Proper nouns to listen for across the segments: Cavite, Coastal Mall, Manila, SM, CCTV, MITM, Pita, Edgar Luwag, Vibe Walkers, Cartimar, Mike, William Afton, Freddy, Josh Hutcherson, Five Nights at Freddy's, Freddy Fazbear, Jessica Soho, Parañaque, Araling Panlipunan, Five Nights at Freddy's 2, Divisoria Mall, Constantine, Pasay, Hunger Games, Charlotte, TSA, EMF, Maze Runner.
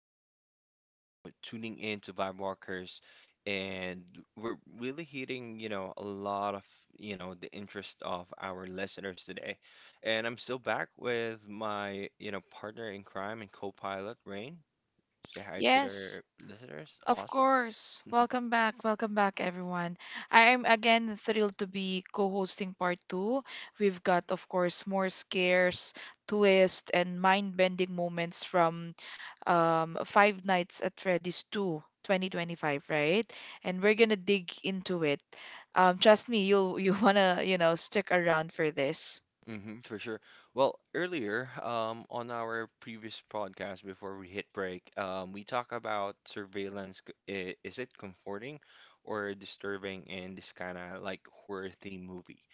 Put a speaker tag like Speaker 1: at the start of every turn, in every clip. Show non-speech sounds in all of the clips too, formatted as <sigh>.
Speaker 1: you for, tuning in to Vibe Walkers. And we're really hitting, a lot of, the interest of our listeners today. And I'm still back with my, partner in crime and co-pilot, Rain. Say hi to
Speaker 2: Yes,
Speaker 1: the listeners.
Speaker 2: of
Speaker 1: Awesome.
Speaker 2: course.
Speaker 1: <laughs>
Speaker 2: Welcome back. Welcome back, everyone. I am again thrilled to be co-hosting part two. We've got, of course, more scares, twists, and mind-bending moments from Five Nights at Freddy's 2, 2025, right? And we're gonna dig into it. Trust me, you'll <laughs> you wanna, you know, stick around for this.
Speaker 1: For sure. Well, earlier, on our previous podcast before we hit break, we talk about surveillance. Is it comforting or disturbing in this kind of like horror theme movie?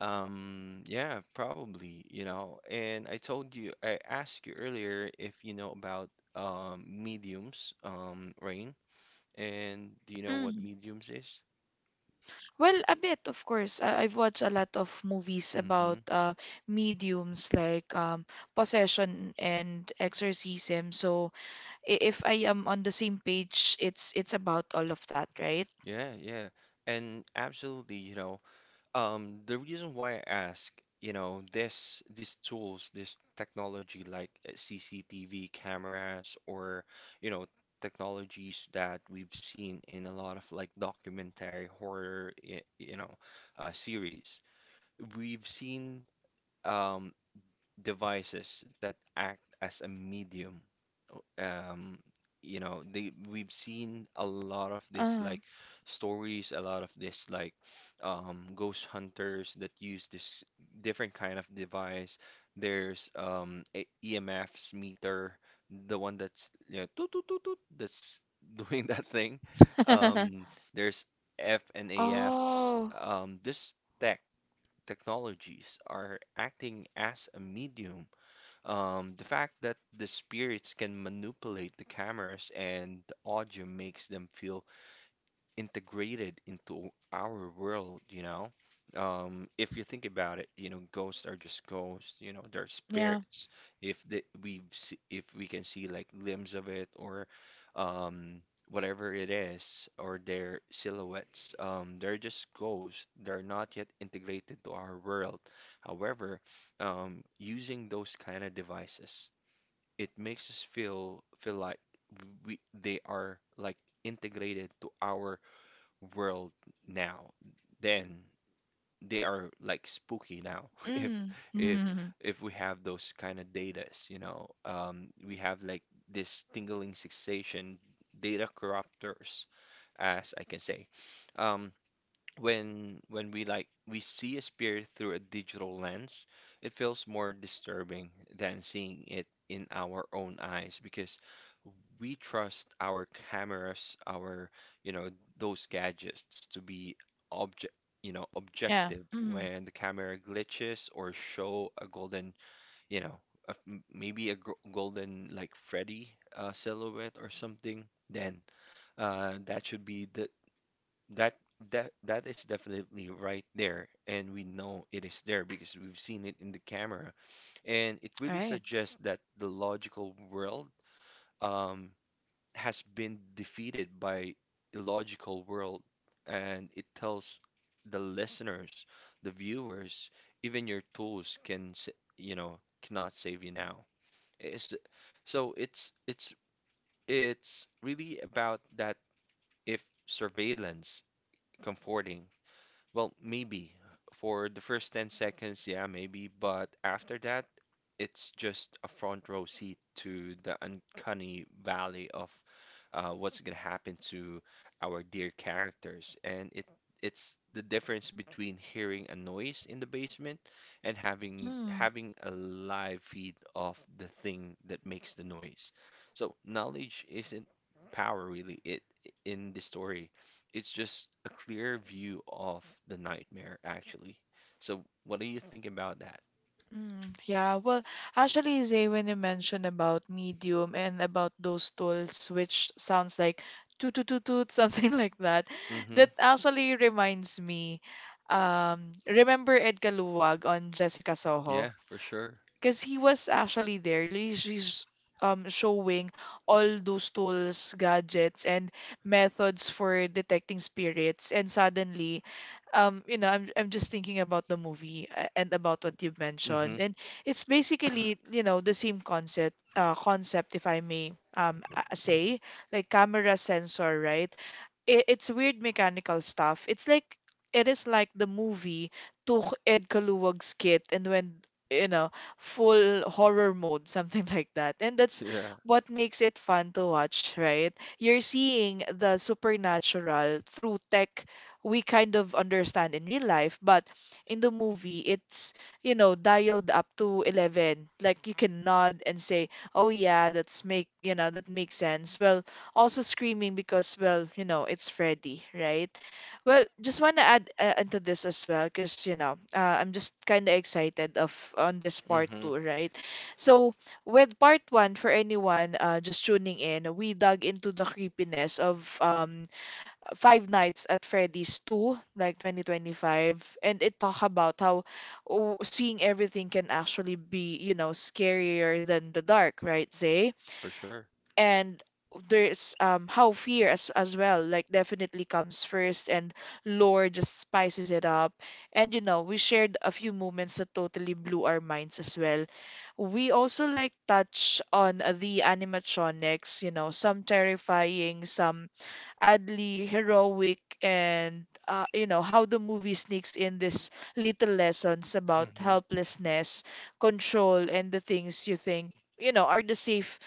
Speaker 1: Yeah, probably, you know. And I told you, I asked you earlier if you know about mediums, Rain, and do you know what mediums is?
Speaker 2: Well, a bit, of course. I've watched a lot of movies about
Speaker 1: Mm-hmm.
Speaker 2: mediums like possession and exorcism. So if I am on the same page, it's about all of that, right?
Speaker 1: Yeah, yeah. And absolutely, you know, the reason why I ask, you know, this these tools, this technology like CCTV cameras or, you know, technologies that we've seen in a lot of like documentary horror, you know, series. We've seen um devices that act as a medium. um you know, they we've seen a lot of this
Speaker 2: Uh,
Speaker 1: like stories, a lot of this like ghost hunters that use this different kind of device. There's a EMF's meter, the one that's, you know, toot, toot, toot, toot, that's <laughs> doing that thing. um
Speaker 2: <laughs>
Speaker 1: there's F and AF's,
Speaker 2: oh,
Speaker 1: this tech technologies are acting as a medium. The fact that the spirits can manipulate the cameras and the audio makes them feel integrated into our world, you know. If you think about it, you know, ghosts are just ghosts, you know, they're
Speaker 2: yeah.
Speaker 1: spirits. If the, If we can see like limbs of it or um, whatever it is or their silhouettes, they're just ghosts. They're not yet integrated to our world. However, using those kind of devices, it makes us feel like we they are like integrated to our world now, then they are like spooky now. <laughs> If if
Speaker 2: Mm. <laughs>
Speaker 1: if we have those kind of datas, you know, we have like this tingling sensation, data corruptors, as I can say. Um, when we we see a spirit through a digital lens, it feels more disturbing than seeing it in our own eyes because we trust our cameras, our, you know, those gadgets to be object, you know,
Speaker 2: Yeah.
Speaker 1: objective.
Speaker 2: Mm.
Speaker 1: When the camera glitches or show a golden, you know, a, maybe a golden like Freddy, silhouette or something, then that should be the that that that is definitely right there, and we know it is there because we've seen it in the camera. And it
Speaker 2: All
Speaker 1: really
Speaker 2: right.
Speaker 1: suggests that the logical world, um, has been defeated by illogical world, and it tells the listeners, the viewers, even your tools can, you know, cannot save you now. It's, so it's really about that. If surveillance comforting, well, maybe for the first 10 seconds, yeah, maybe, but after that, it's just a front row seat to the uncanny valley of what's gonna happen to our dear characters. And it's the difference between hearing a noise in the basement and having
Speaker 2: Mm.
Speaker 1: having a live feed of the thing that makes the noise. So knowledge isn't power really. It in the story it's just a clear view of the nightmare, actually. So, what do you think about that?
Speaker 2: Mm, yeah, well, actually, Zay, when you mentioned about Medium and about those tools, which sounds like toot toot toot toot, <laughs> something like that,
Speaker 1: Mm-hmm.
Speaker 2: that actually reminds me. Remember Edgar Luwag on Jessica Soho?
Speaker 1: Yeah, for sure.
Speaker 2: Because he was actually there. He's showing all those tools, gadgets, and methods for detecting spirits. And suddenly, you know, I'm just thinking about the movie and about what you've mentioned.
Speaker 1: Mm-hmm.
Speaker 2: And it's basically, you know, the same concept, concept, if I may say, like camera sensor, right? It's weird mechanical stuff. It's like it is like the movie took Ed Kaluwag's kit and went, you know, full horror mode, something <laughs> like that. And that's
Speaker 1: Yeah.
Speaker 2: what makes it fun to watch, right? You're seeing the supernatural through tech we kind of understand in real life, but in the movie it's, you know, dialed up to 11. Like you can nod and say, "Oh yeah, that's make you know, that makes sense." Well, also screaming because, well, you know, it's Freddy, right? Well, just want to add into this as well, because, you know, I'm just kind of excited of on this part
Speaker 1: Mm-hmm.
Speaker 2: two, right? So, with part one, for anyone just tuning in, we dug into the creepiness of Five Nights at Freddy's 2, like 2025, and it talk about how oh, seeing everything can actually be, you know, scarier than the dark, right, Zay?
Speaker 1: For sure.
Speaker 2: And there's how fear as well definitely comes first and lore just spices it up. And you know we shared a few moments that totally blew our minds as well. We also like touch on the animatronics, you know, some terrifying, some oddly heroic, and, you know, how the movie sneaks in this little lessons about
Speaker 1: Mm-hmm.
Speaker 2: helplessness, control, and the things you think, you know, are the safe,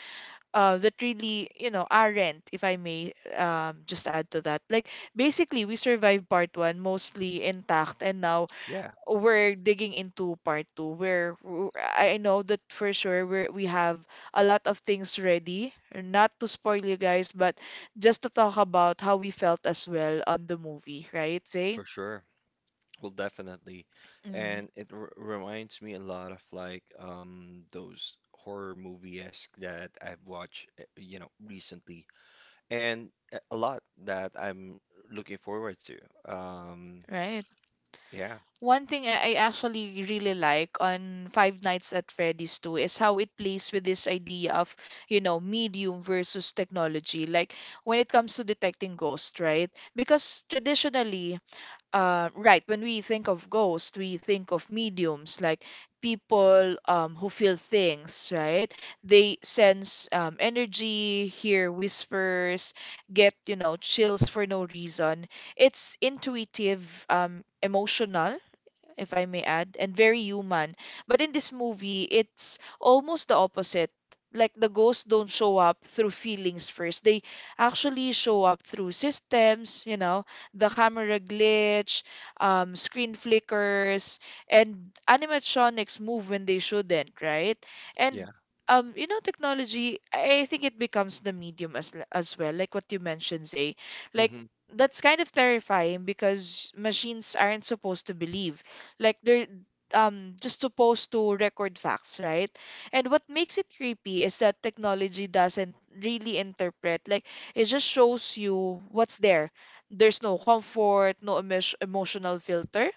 Speaker 2: that really, you know, aren't, if I may just add to that. Like, basically, we survived part one mostly intact, and now
Speaker 1: Yeah,
Speaker 2: we're digging into part two, where I know that for sure we have a lot of things ready. Not to spoil you guys, but just to talk about how we felt as well on the movie, right, Zay?
Speaker 1: for sure. Well, definitely.
Speaker 2: Mm,
Speaker 1: And it r reminds me a lot of like those horror movie-esque that I've watched, you know, recently. And a lot that I'm looking forward to. Um,
Speaker 2: right.
Speaker 1: yeah.
Speaker 2: One thing I actually really like on Five Nights at Freddy's 2 is how it plays with this idea of, you know, medium versus technology. Like when it comes to detecting ghosts, right? Because traditionally, right, when we think of ghosts, we think of mediums, like people who feel things, right? They sense, energy, hear whispers, get, you know, chills for no reason. It's intuitive, emotional, if I may add, and very human. But in this movie, it's almost the opposite. Like the ghosts don't show up through feelings first. They actually show up through systems, you know, the camera glitch, screen flickers, and animatronics move when they shouldn't, right? And
Speaker 1: Yeah.
Speaker 2: you know, technology, I think it becomes the medium as well, like what you mentioned, Zay. Like
Speaker 1: hmm
Speaker 2: that's kind of terrifying because machines aren't supposed to believe. Like they're just supposed to record facts, right? And what makes it creepy is that technology doesn't really interpret. Like it just shows you what's there. There's no comfort, no emotional filter.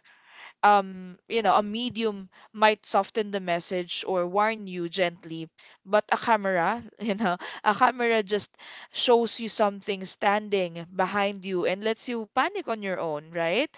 Speaker 2: You know, a medium might soften the message or warn you gently, but a camera, <laughs> you know, a camera just shows you something standing behind you and lets you panic on your own, right?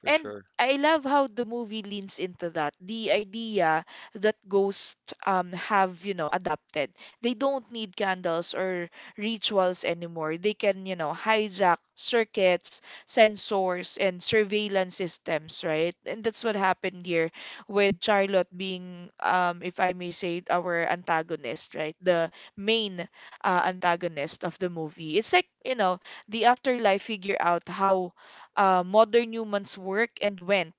Speaker 1: For
Speaker 2: And
Speaker 1: sure.
Speaker 2: I love how the movie leans into that. The idea that ghosts have, you know, adapted. They don't need candles or rituals anymore. They can, you know, hijack circuits, sensors, and surveillance systems, right? And that's what happened here with Charlotte being, if I may say, it, our antagonist, right? The main antagonist of the movie. It's like, you know, the afterlife figure out how modern humans work and went.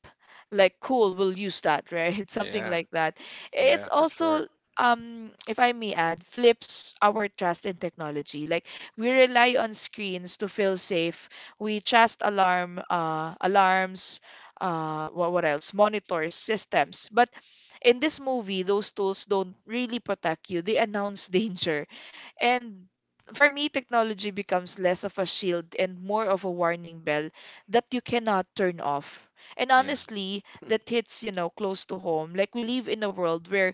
Speaker 2: Like, cool, we'll use that, right? <laughs> Something
Speaker 1: Yeah.
Speaker 2: like that.
Speaker 1: Yeah,
Speaker 2: It's
Speaker 1: for sure.
Speaker 2: also, if I may add, flips our trust in technology. Like, we rely on screens to feel safe. We trust alarms, what else? Monitors, systems. But in this movie, those tools don't really protect you. They announce <laughs> danger. And for me, technology becomes less of a shield and more of a warning bell that you cannot turn off. And
Speaker 1: Yeah.
Speaker 2: honestly,
Speaker 1: <laughs>
Speaker 2: that hits, you know, close to home. Like we live in a world where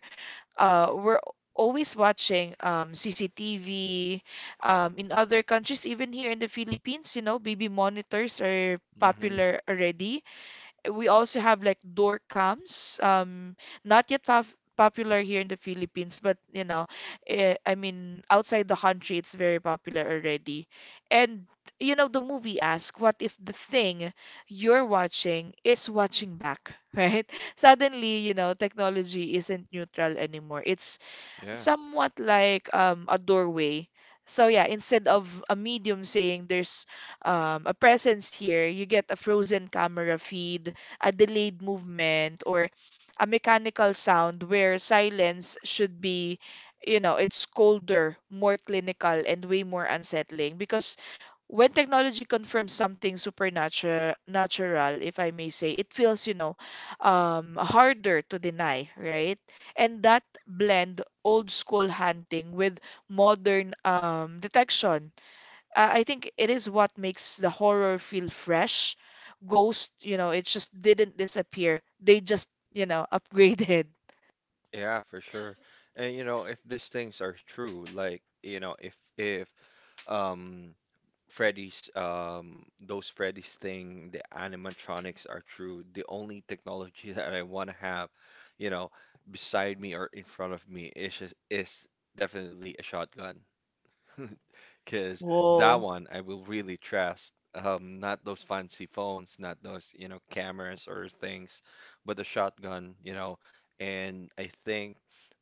Speaker 2: we're always watching CCTV, in other countries, even here in the Philippines, you know, baby monitors are
Speaker 1: hmm
Speaker 2: popular already. We also have like door cams, not yet popular here in the Philippines, but you know, I mean, outside the country, it's very popular already. And you know, the movie asks, what if the thing you're watching is watching back, <laughs> right? Suddenly, you know, technology isn't neutral anymore. It's
Speaker 1: Yeah.
Speaker 2: somewhat like a doorway. So yeah, instead of a medium saying there's, a presence here, you get a frozen camera feed, a delayed movement, or a mechanical sound where silence should be, you know, it's colder, more clinical, and way more unsettling. Because when technology confirms something natural, if I may say, it feels, you know, harder to deny, right? And that blend old school hunting with modern detection. I think it is what makes the horror feel fresh. Ghost, you know, it just didn't disappear. They just, you know, <laughs> upgraded.
Speaker 1: Yeah, for sure. And you know, if these things are true, like, you know, if um Freddy's, those Freddy's thing, the animatronics are true. The only technology <laughs> that I want to have, you know, beside me or in front of me is definitely a shotgun. <laughs> Because that
Speaker 2: Wow.
Speaker 1: one I will really trust. Not those fancy phones, not those, you know, cameras or things, but the shotgun, you know. And I think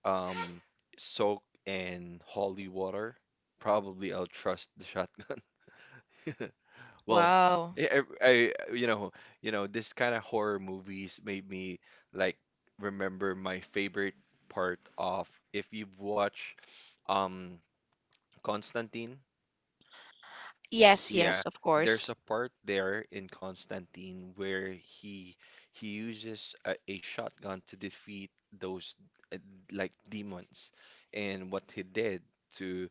Speaker 1: um, soak in holy water, probably I'll trust the shotgun. <laughs>
Speaker 2: Whoa.
Speaker 1: Well,
Speaker 2: Wow.
Speaker 1: yeah, I you know, this kind of horror movies made me like remember my favorite part of, if you've watched um Constantine.
Speaker 2: Yes, yes,
Speaker 1: Yeah,
Speaker 2: of
Speaker 1: there's
Speaker 2: course.
Speaker 1: a part there in Constantine where he uses a shotgun to defeat those, uh, like demons, and what he did to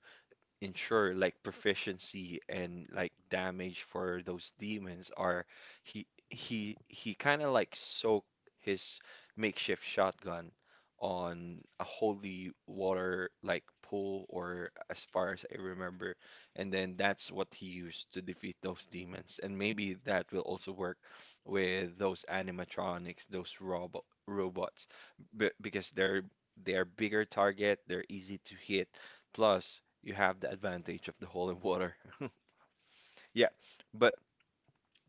Speaker 1: ensure like proficiency and like damage for those demons are, he kind of like soaked his makeshift shotgun on a holy water like pool, or as far as I remember, and then that's what he used to defeat those demons. And maybe that will also work with those animatronics, those robots, b because they're bigger target, they're easy to hit, plus you have the advantage of the holy water. <laughs> Yeah, but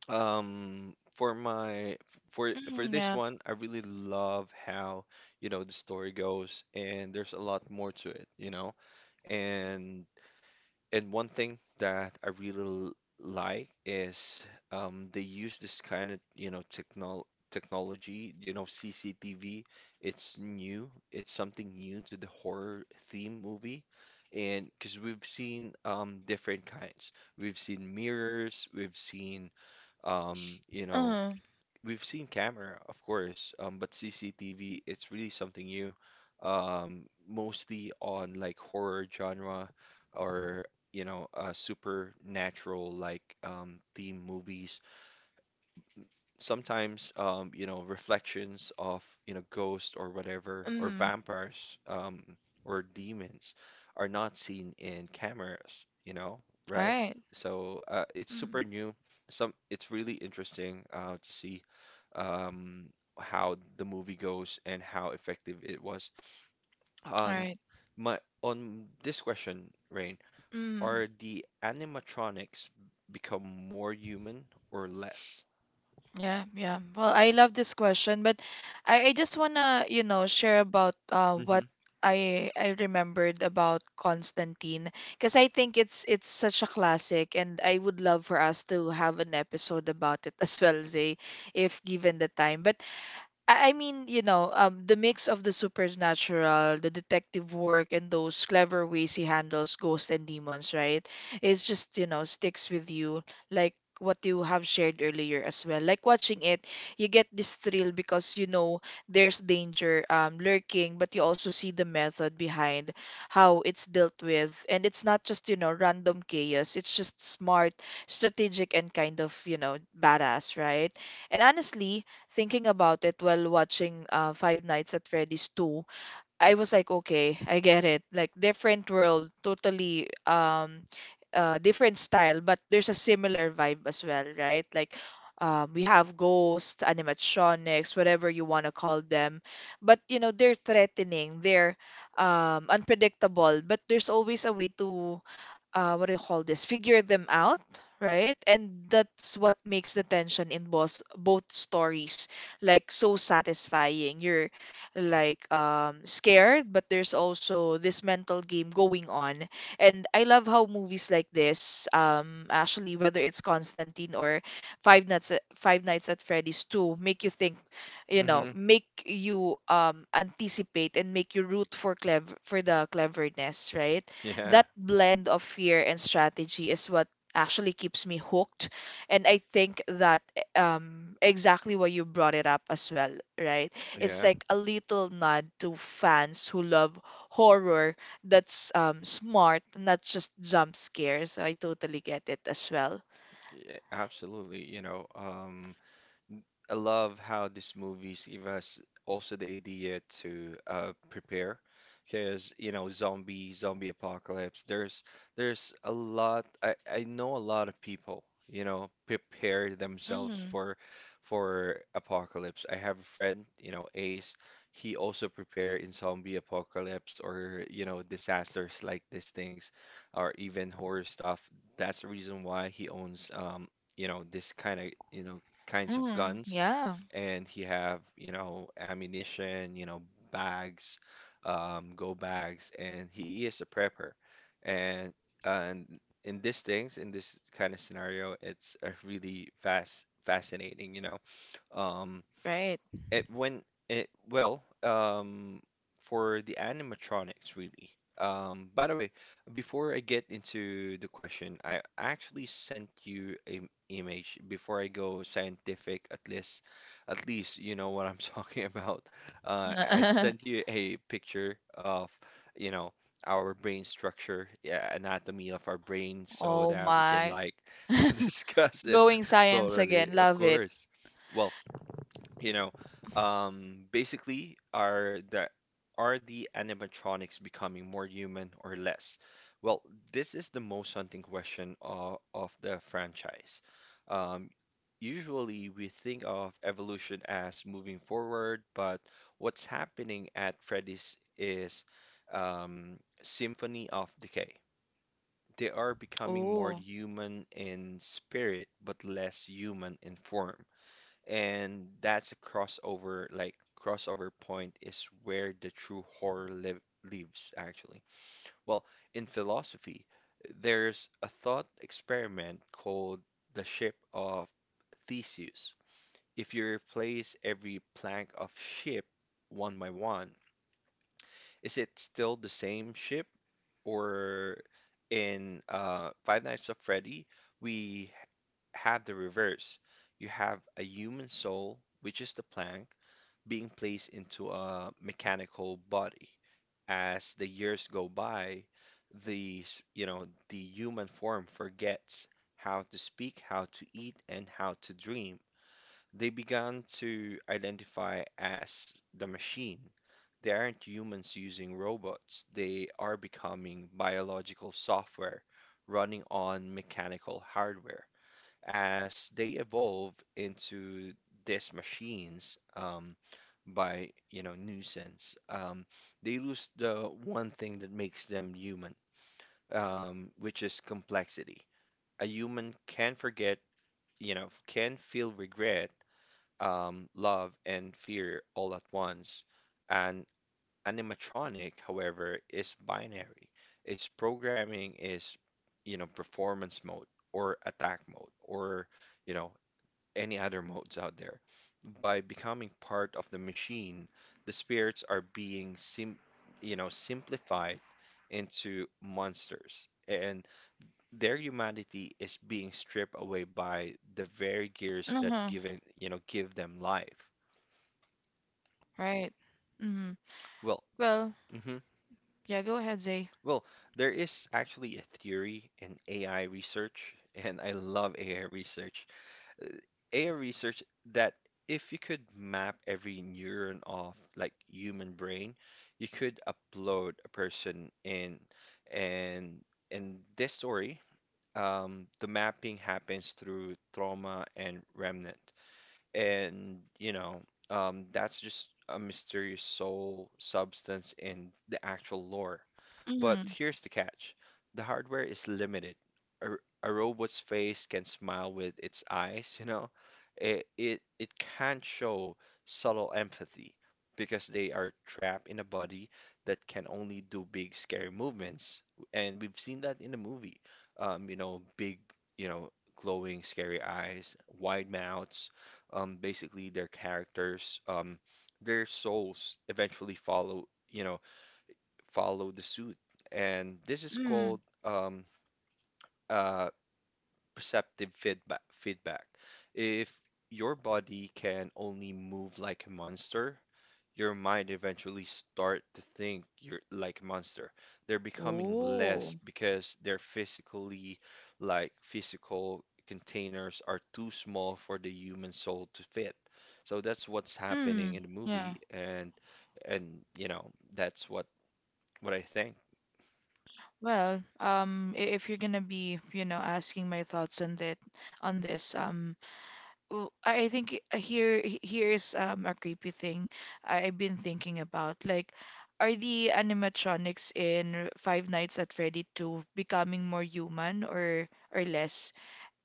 Speaker 1: for my, for
Speaker 2: Mm,
Speaker 1: this
Speaker 2: yeah.
Speaker 1: one, I really love how, you know, the story goes and there's a lot more to it, you know. And and one thing that I really like is they use this kind of, you know, technology, you know, CCTV. It's new. It's something new to the horror theme movie. And because we've seen different kinds. We've seen mirrors, we've seen you know,
Speaker 2: Uh,
Speaker 1: we've seen camera, of course, but CCTV, it's really something new. Mostly on like horror genre, or you know, supernatural like theme movies. Sometimes you know, reflections of, you know, ghosts or whatever, or
Speaker 2: mm.
Speaker 1: vampires, or demons are not seen in cameras, you know,
Speaker 2: All
Speaker 1: right?
Speaker 2: right.
Speaker 1: So it's
Speaker 2: Mm.
Speaker 1: super new. Some It's really interesting, to see um, how the movie goes and how effective it was.
Speaker 2: All
Speaker 1: On
Speaker 2: right.
Speaker 1: my on this question, Rain,
Speaker 2: Mm.
Speaker 1: are the animatronics become more human or less?
Speaker 2: Yeah, yeah. Well, I love this question, but I just wanna, you know, share about what I remembered about Constantine, because I think it's such a classic and I would love for us to have an episode about it <laughs> as well, Zay, if given the time. But I mean, you know, the mix of the supernatural, the detective work, and those clever ways he handles ghosts and demons, right? It's just, you know, sticks with you, like what you have shared earlier as well. Like watching it, you get this thrill because you know there's danger, lurking, but you also see the method behind how it's dealt with. And it's not just, you know, random chaos. It's just smart, strategic, and kind of, you know, badass, right? And honestly, thinking about it while watching Five Nights at Freddy's 2, I was like, okay, I get it. Like different world, totally different style, but there's a similar vibe as well, right? Like, we have ghosts, animatronics, whatever you want to call them, but you know they're threatening, they're unpredictable, but there's always a way to, what do you call this? Figure them out, right? And that's what makes the tension in both stories like so satisfying. You're like scared, but there's also this mental game going on. And I love how movies like this, actually, whether it's Constantine or Five Nights at Freddy's 2, make you think, you know,
Speaker 1: hmm
Speaker 2: make you anticipate and make you root for clever for the cleverness, right?
Speaker 1: Yeah.
Speaker 2: That blend of fear and strategy is what actually keeps me hooked. And I think that exactly why you brought it up as well, right? It's
Speaker 1: Yeah.
Speaker 2: like a little nod to fans who love horror that's, smart, not just jump scares. So I totally get it as well.
Speaker 1: Yeah, absolutely. You know, I love how these movies give us also the idea to, prepare, because you know zombie apocalypse. There's a lot. I know a lot of people, you know, prepare themselves
Speaker 2: Mm,
Speaker 1: for apocalypse. I have a friend, you know, Ace. He also prepare in zombie apocalypse or, you know, disasters like these things, or even horror stuff. That's the reason why he owns you know, this kind of, you know, kinds of guns,
Speaker 2: yeah,
Speaker 1: and he have, you know, ammunition, you know, bags, go bags, and he is a prepper. And and in these things, in this kind of scenario, it's a really fast fascinating, you know. um,
Speaker 2: right.
Speaker 1: it when it well, for the animatronics really. By the way, before I get into the question, I actually sent you an image before I go scientific, at least you know what I'm <laughs> talking about. I
Speaker 2: <laughs>
Speaker 1: sent you a picture of, you know, our brain structure, yeah, anatomy of our brain, so
Speaker 2: Oh
Speaker 1: that we can
Speaker 2: my.
Speaker 1: like <laughs> discuss
Speaker 2: <laughs>
Speaker 1: it
Speaker 2: Going science
Speaker 1: thoroughly,
Speaker 2: again.
Speaker 1: of
Speaker 2: Love it.
Speaker 1: course. Well, you know, basically, are the animatronics becoming more human or less? Well, this is the most haunting question of the franchise. Um, Usually, we think of evolution as moving forward, but what's happening at Freddy's is symphony of decay. They are becoming more
Speaker 2: Oh.
Speaker 1: human in spirit, but less human in form, and that's a crossover point is where the true horror lives, actually. Well, in philosophy, there's a thought experiment called the Ship of Theseus. If you replace every plank of ship one by one, is it still the same ship? Or in Five Nights at Freddy, we have the reverse. You have a human soul, which is the plank, being placed into a mechanical body. As the years go by, you know, the human form forgets how to speak, how to eat, and how to dream. They began to identify as the machine. They aren't humans using robots. They are becoming biological software running on mechanical hardware. As they evolve into these machines, by you know nuisance, they lose the one thing that makes them human, which is complexity. A human can forget, you know, can feel regret, love, and fear all at once. An animatronic, however, is binary. Its programming is, you know, performance mode or attack mode, or you know, any other modes out there. By becoming part of the machine, the spirits are being sim you know, simplified into monsters, and their humanity is being stripped away by the very gears that given, you know, give them life.
Speaker 2: Right. Mm-hmm.
Speaker 1: Well,
Speaker 2: Well,
Speaker 1: hmm
Speaker 2: yeah, go ahead, Zay.
Speaker 1: Well, there is actually a theory in AI research, and I love AI research that if you could map every neuron of like human brain, you could upload a person in and in this story, the mapping happens through trauma and remnant and that's just a mysterious soul substance in the actual lore. But
Speaker 2: Mm-hmm.
Speaker 1: here's the catch: the hardware is limited. A robot's face can smile with its eyes, you know. It can't show subtle empathy because they are trapped in a body that can only do big scary movements, and we've seen that in the movie. You know, big, you know, glowing scary eyes, wide mouths basically their characters, their souls eventually follow, you know, follow the suit. And this is
Speaker 2: Mm.
Speaker 1: called uh, perceptive feedback. If your body can only move like a monster, your mind eventually start to think you're like a monster. They're becoming
Speaker 2: Oh.
Speaker 1: less because their physically like physical containers are too small for the human soul to fit. So that's what's happening
Speaker 2: Mm,
Speaker 1: in the
Speaker 2: yeah.
Speaker 1: movie and you know that's what I think.
Speaker 2: Well, if you're gonna be, you know, asking my thoughts on that, on this, I think here's a creepy thing I've been thinking about. Like, are the animatronics in Five Nights at Freddy 2 becoming more human or less?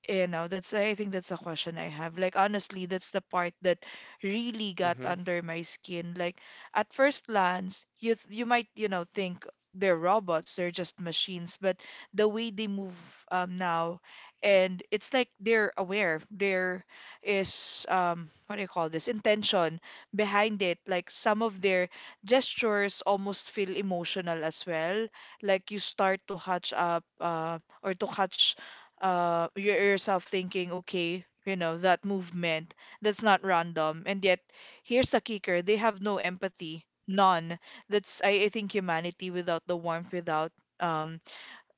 Speaker 2: You know, that's I think that's a question I have. Like honestly, that's the part that really got
Speaker 1: Mhm.
Speaker 2: under my skin. Like at first glance, you might, you know, think they're robots, they're just machines, but the way they move now, and it's like they're aware. There is what do you call this? Intention behind it. Like some of their gestures almost feel emotional as well. Like you start to catch up or to catch you yourself thinking, okay, you know, that movement, that's not random. And yet, here's the kicker, they have no empathy. None. That's I think humanity without the warmth, without um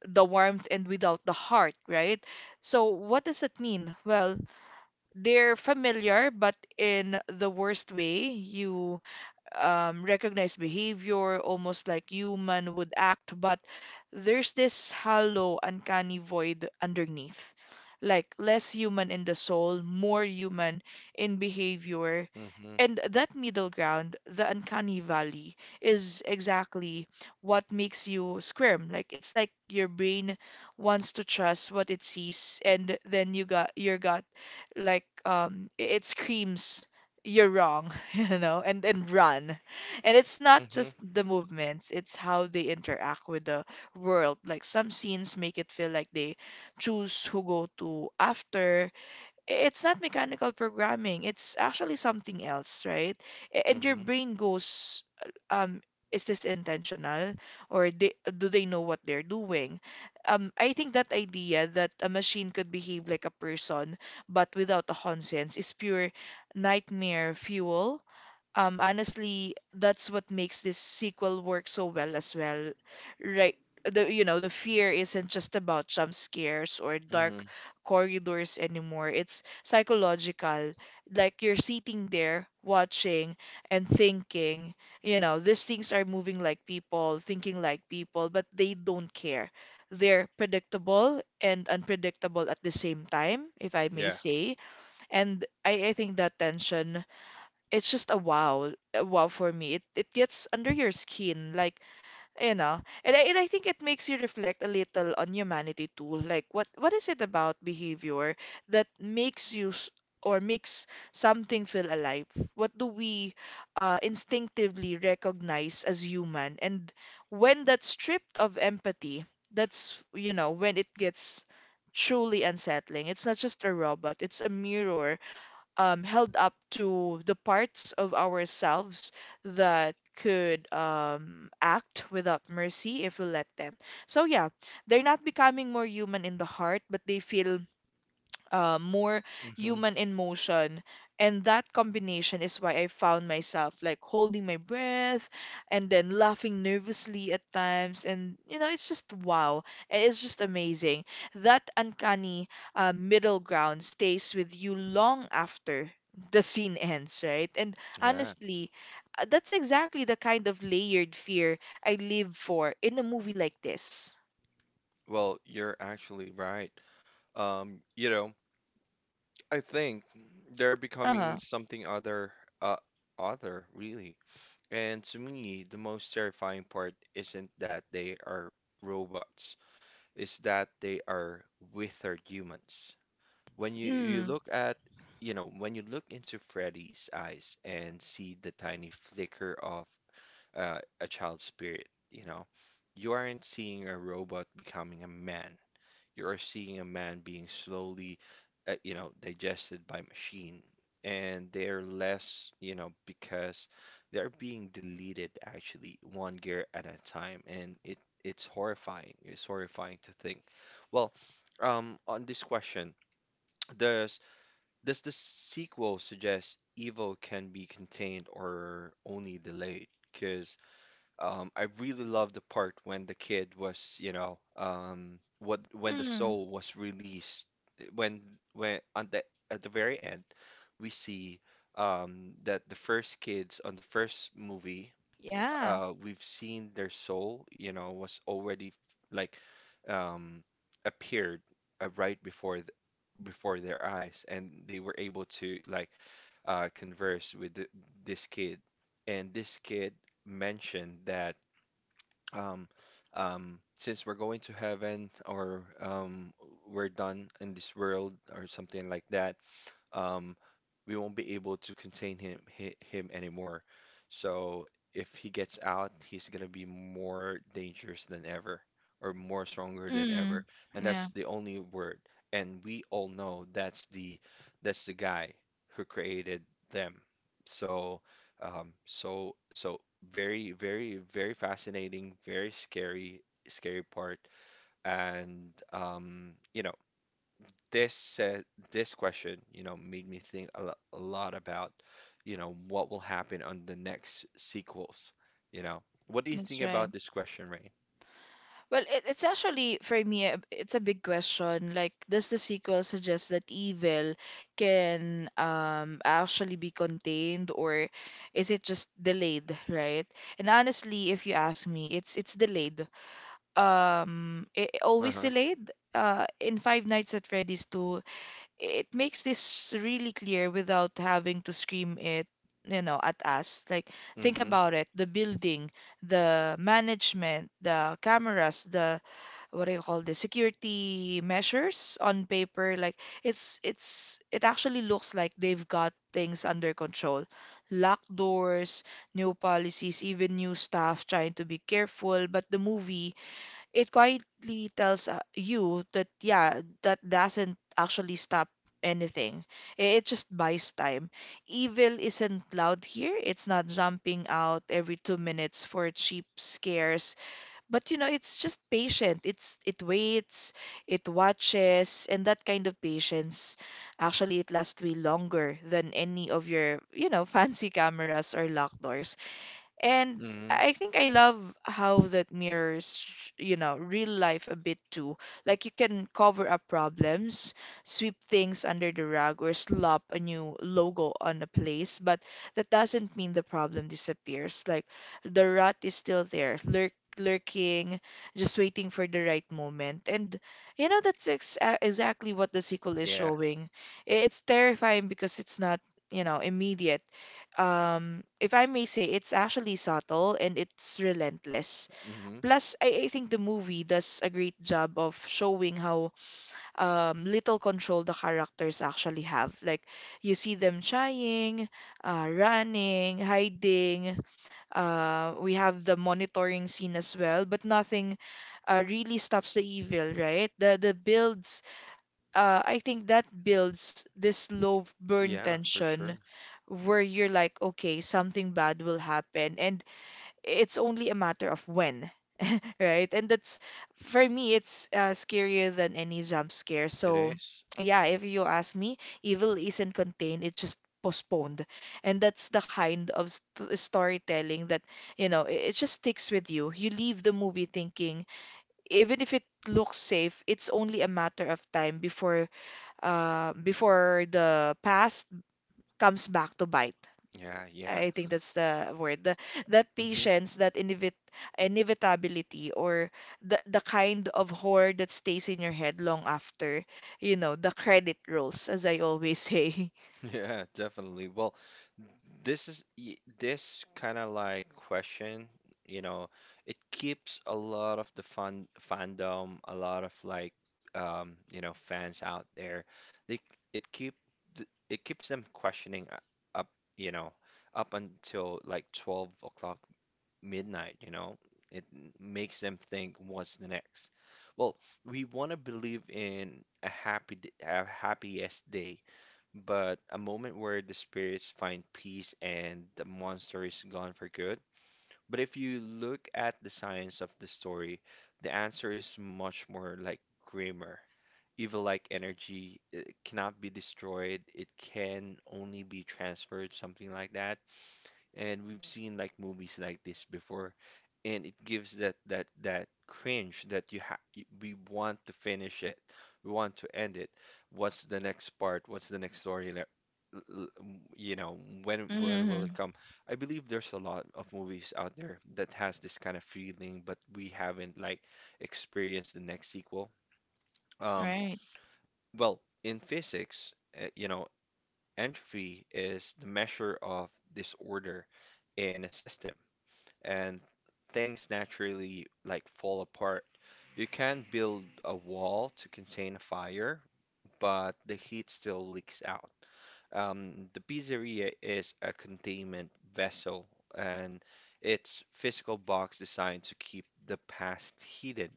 Speaker 2: the warmth and without the heart, right? So what does it mean? Well, they're familiar, but in the worst way, you recognize behavior, almost like human would act, but there's this hollow, uncanny void underneath. Like less human in the soul, more human in behavior.
Speaker 1: Mhm.
Speaker 2: And that middle ground, the uncanny valley, is exactly what makes you squirm. Like it's like your brain wants to trust what it sees, and then you got your gut, like it screams, "You're wrong." <laughs> You know, and run. And it's not
Speaker 1: Mhm.
Speaker 2: just the movements, it's how they interact with the world. Like some scenes make it feel like they choose who go to after, it's not mechanical programming. It's actually something else, right? And your
Speaker 1: Mhm.
Speaker 2: brain goes, um, is this intentional, or they, do they know what they're doing? I think that idea that a machine could behave like a person but without a conscience is pure nightmare fuel. Honestly, that's what makes this sequel work so well as well, right? The, you know, the fear isn't just about jump scares or dark
Speaker 1: Mhm.
Speaker 2: corridors anymore. It's psychological. Like you're sitting there watching and thinking, you know, these things are moving like people, thinking like people, but they don't care. They're predictable and unpredictable at the same time, if I may
Speaker 1: Yeah.
Speaker 2: say. And I think that tension, it's just a wow for me. It gets under your skin. Like you know, and I think it makes you reflect a little on humanity too. Like, what is it about behavior that makes you s- or makes something feel alive? What do we instinctively recognize as human? And when that's stripped of empathy, that's, you know, when it gets truly unsettling. It's not just a robot, it's a mirror held up to the parts of ourselves that could act without mercy if we let them. So, yeah, they're not becoming more human in the heart, but they feel more
Speaker 1: Hmm.
Speaker 2: human in motion. And that combination is why I found myself like holding my breath and then laughing nervously at times. And, you know, it's just wow. It's just amazing. That uncanny middle ground stays with you long after the scene ends, right? And
Speaker 1: Yeah.
Speaker 2: honestly, that's exactly the kind of layered fear I live for in a movie like this.
Speaker 1: Well, you're actually right. You know, I think they're becoming
Speaker 2: Uh-huh.
Speaker 1: something other, uh, other really. And to me, the most terrifying part isn't that they are robots, it's that they are withered humans. When you
Speaker 2: Mm.
Speaker 1: look at, you know, when you look into Freddy's eyes and see the tiny flicker of a child's spirit. You know, you aren't seeing a robot becoming a man. You are seeing a man being slowly, you know, digested by machine, and they're less, you know, because they're being deleted actually one gear at a time, and it it's horrifying. It's horrifying to think. Well, on this question, does does the sequel suggest evil can be contained or only delayed? Because I really love the part when the kid was, you know, what when the
Speaker 2: Mm.
Speaker 1: soul was released. When when on the at the very end, we see that the first kids on the first movie,
Speaker 2: Yeah.
Speaker 1: we've seen their soul, you know, was already like um, appeared right before th before their eyes, and they were able to like converse with th this kid, and this kid mentioned that. Um, since we're going to heaven or we're done in this world or something like that, um, we won't be able to contain him anymore. So if he gets out, he's gonna be more dangerous than ever, or more stronger than
Speaker 2: Mm.
Speaker 1: ever, and
Speaker 2: Yeah,
Speaker 1: that's the only word. And we all know that's the guy who created them. So so very fascinating, very scary part, and you know this said this question, you know, made me think a lot about, you know, what will happen on the next sequels. You know, what do you
Speaker 2: that's
Speaker 1: think
Speaker 2: right.
Speaker 1: about this question, Ray?
Speaker 2: Well, it's actually for me, it's a big question. Like, does the sequel suggest that evil can actually be contained, or is it just delayed, right? And honestly, if you ask me, it's delayed. It, always
Speaker 1: Uh-huh.
Speaker 2: delayed. In Five Nights at Freddy's 2, it makes this really clear without having to scream it, you know, at us. Like, think
Speaker 1: Mm-hmm.
Speaker 2: about it, the building, the management, the cameras, the what do you call the security measures on paper, like it actually looks like they've got things under control. Locked doors, new policies, even new staff trying to be careful, but the movie it quietly tells you that yeah, that doesn't actually stop anything. It just buys time. Evil isn't loud here, it's not jumping out every 2 minutes for cheap scares, but you know it's just patient, it waits, it watches. And that kind of patience, actually it lasts way longer than any of your, you know, <laughs> fancy cameras or locked doors. And
Speaker 1: Mm-hmm.
Speaker 2: I think I love how that mirrors, you know, real life a bit too. Like you can cover up problems, sweep things under the rug, or slap a new logo on a place, but that doesn't mean the problem disappears. Like the rut is still there, lurking, just waiting for the right moment. And you know, that's ex exactly what the sequel is
Speaker 1: Yeah.
Speaker 2: showing. It's terrifying because it's not, you know, immediate, if I may say, it's actually subtle and it's relentless.
Speaker 1: Mm-hmm.
Speaker 2: Plus, I think the movie does a great job of showing how little control the characters actually have. Like, you see them trying, running, hiding. We have the monitoring scene as well, but nothing really stops the evil, right? The builds I think that builds this low burn
Speaker 1: Yeah, for
Speaker 2: tension
Speaker 1: sure.
Speaker 2: where you're like, okay, something bad will happen, and it's only a matter of when, <laughs> right? And that's, for me, it's scarier than any jump scare.
Speaker 1: It
Speaker 2: So,
Speaker 1: is.
Speaker 2: yeah, if you ask me, evil isn't contained, it's just postponed. And that's the kind of st storytelling that, you know, it just sticks with you. You leave the movie thinking, even if it looks safe, it's only a matter of time before before the past comes back to bite.
Speaker 1: Yeah, yeah.
Speaker 2: I think that's the word. The, that
Speaker 1: Mm-hmm.
Speaker 2: patience, that inevitability, or the kind of horror that stays in your head long after, you know, the credit rolls, as I always say. <laughs>
Speaker 1: Yeah, definitely. Well, this is this kind of like question, you know, it keeps a lot of the fun fandom, a lot of like you know, fans out there. They it keep it keeps them up, you know, up until like 12 o'clock midnight, you know. It makes them think what's the next. Well, we want to believe in a a happiest day but a moment where the spirits find peace and the monster is gone for good. But if you look at the science of the story, the answer is much more like grimmer. Evil-like energy it cannot be destroyed, it can only be transferred, something like that and we've seen like movies like this before, and it gives that that cringe that we want to finish it, we want to end it. What's the next part? What's the next story? Like, you know, when will it
Speaker 2: Mm,
Speaker 1: come? I believe there's a lot of movies out there that has this kind of feeling, but we haven't like experienced the next sequel. Um,
Speaker 2: right.
Speaker 1: well, in physics, you know, entropy is the measure of disorder in a system and things naturally like fall apart. You can build a wall to contain a fire, but the heat still leaks out. The pizzeria is a containment vessel, and its physical box designed to keep the past heated.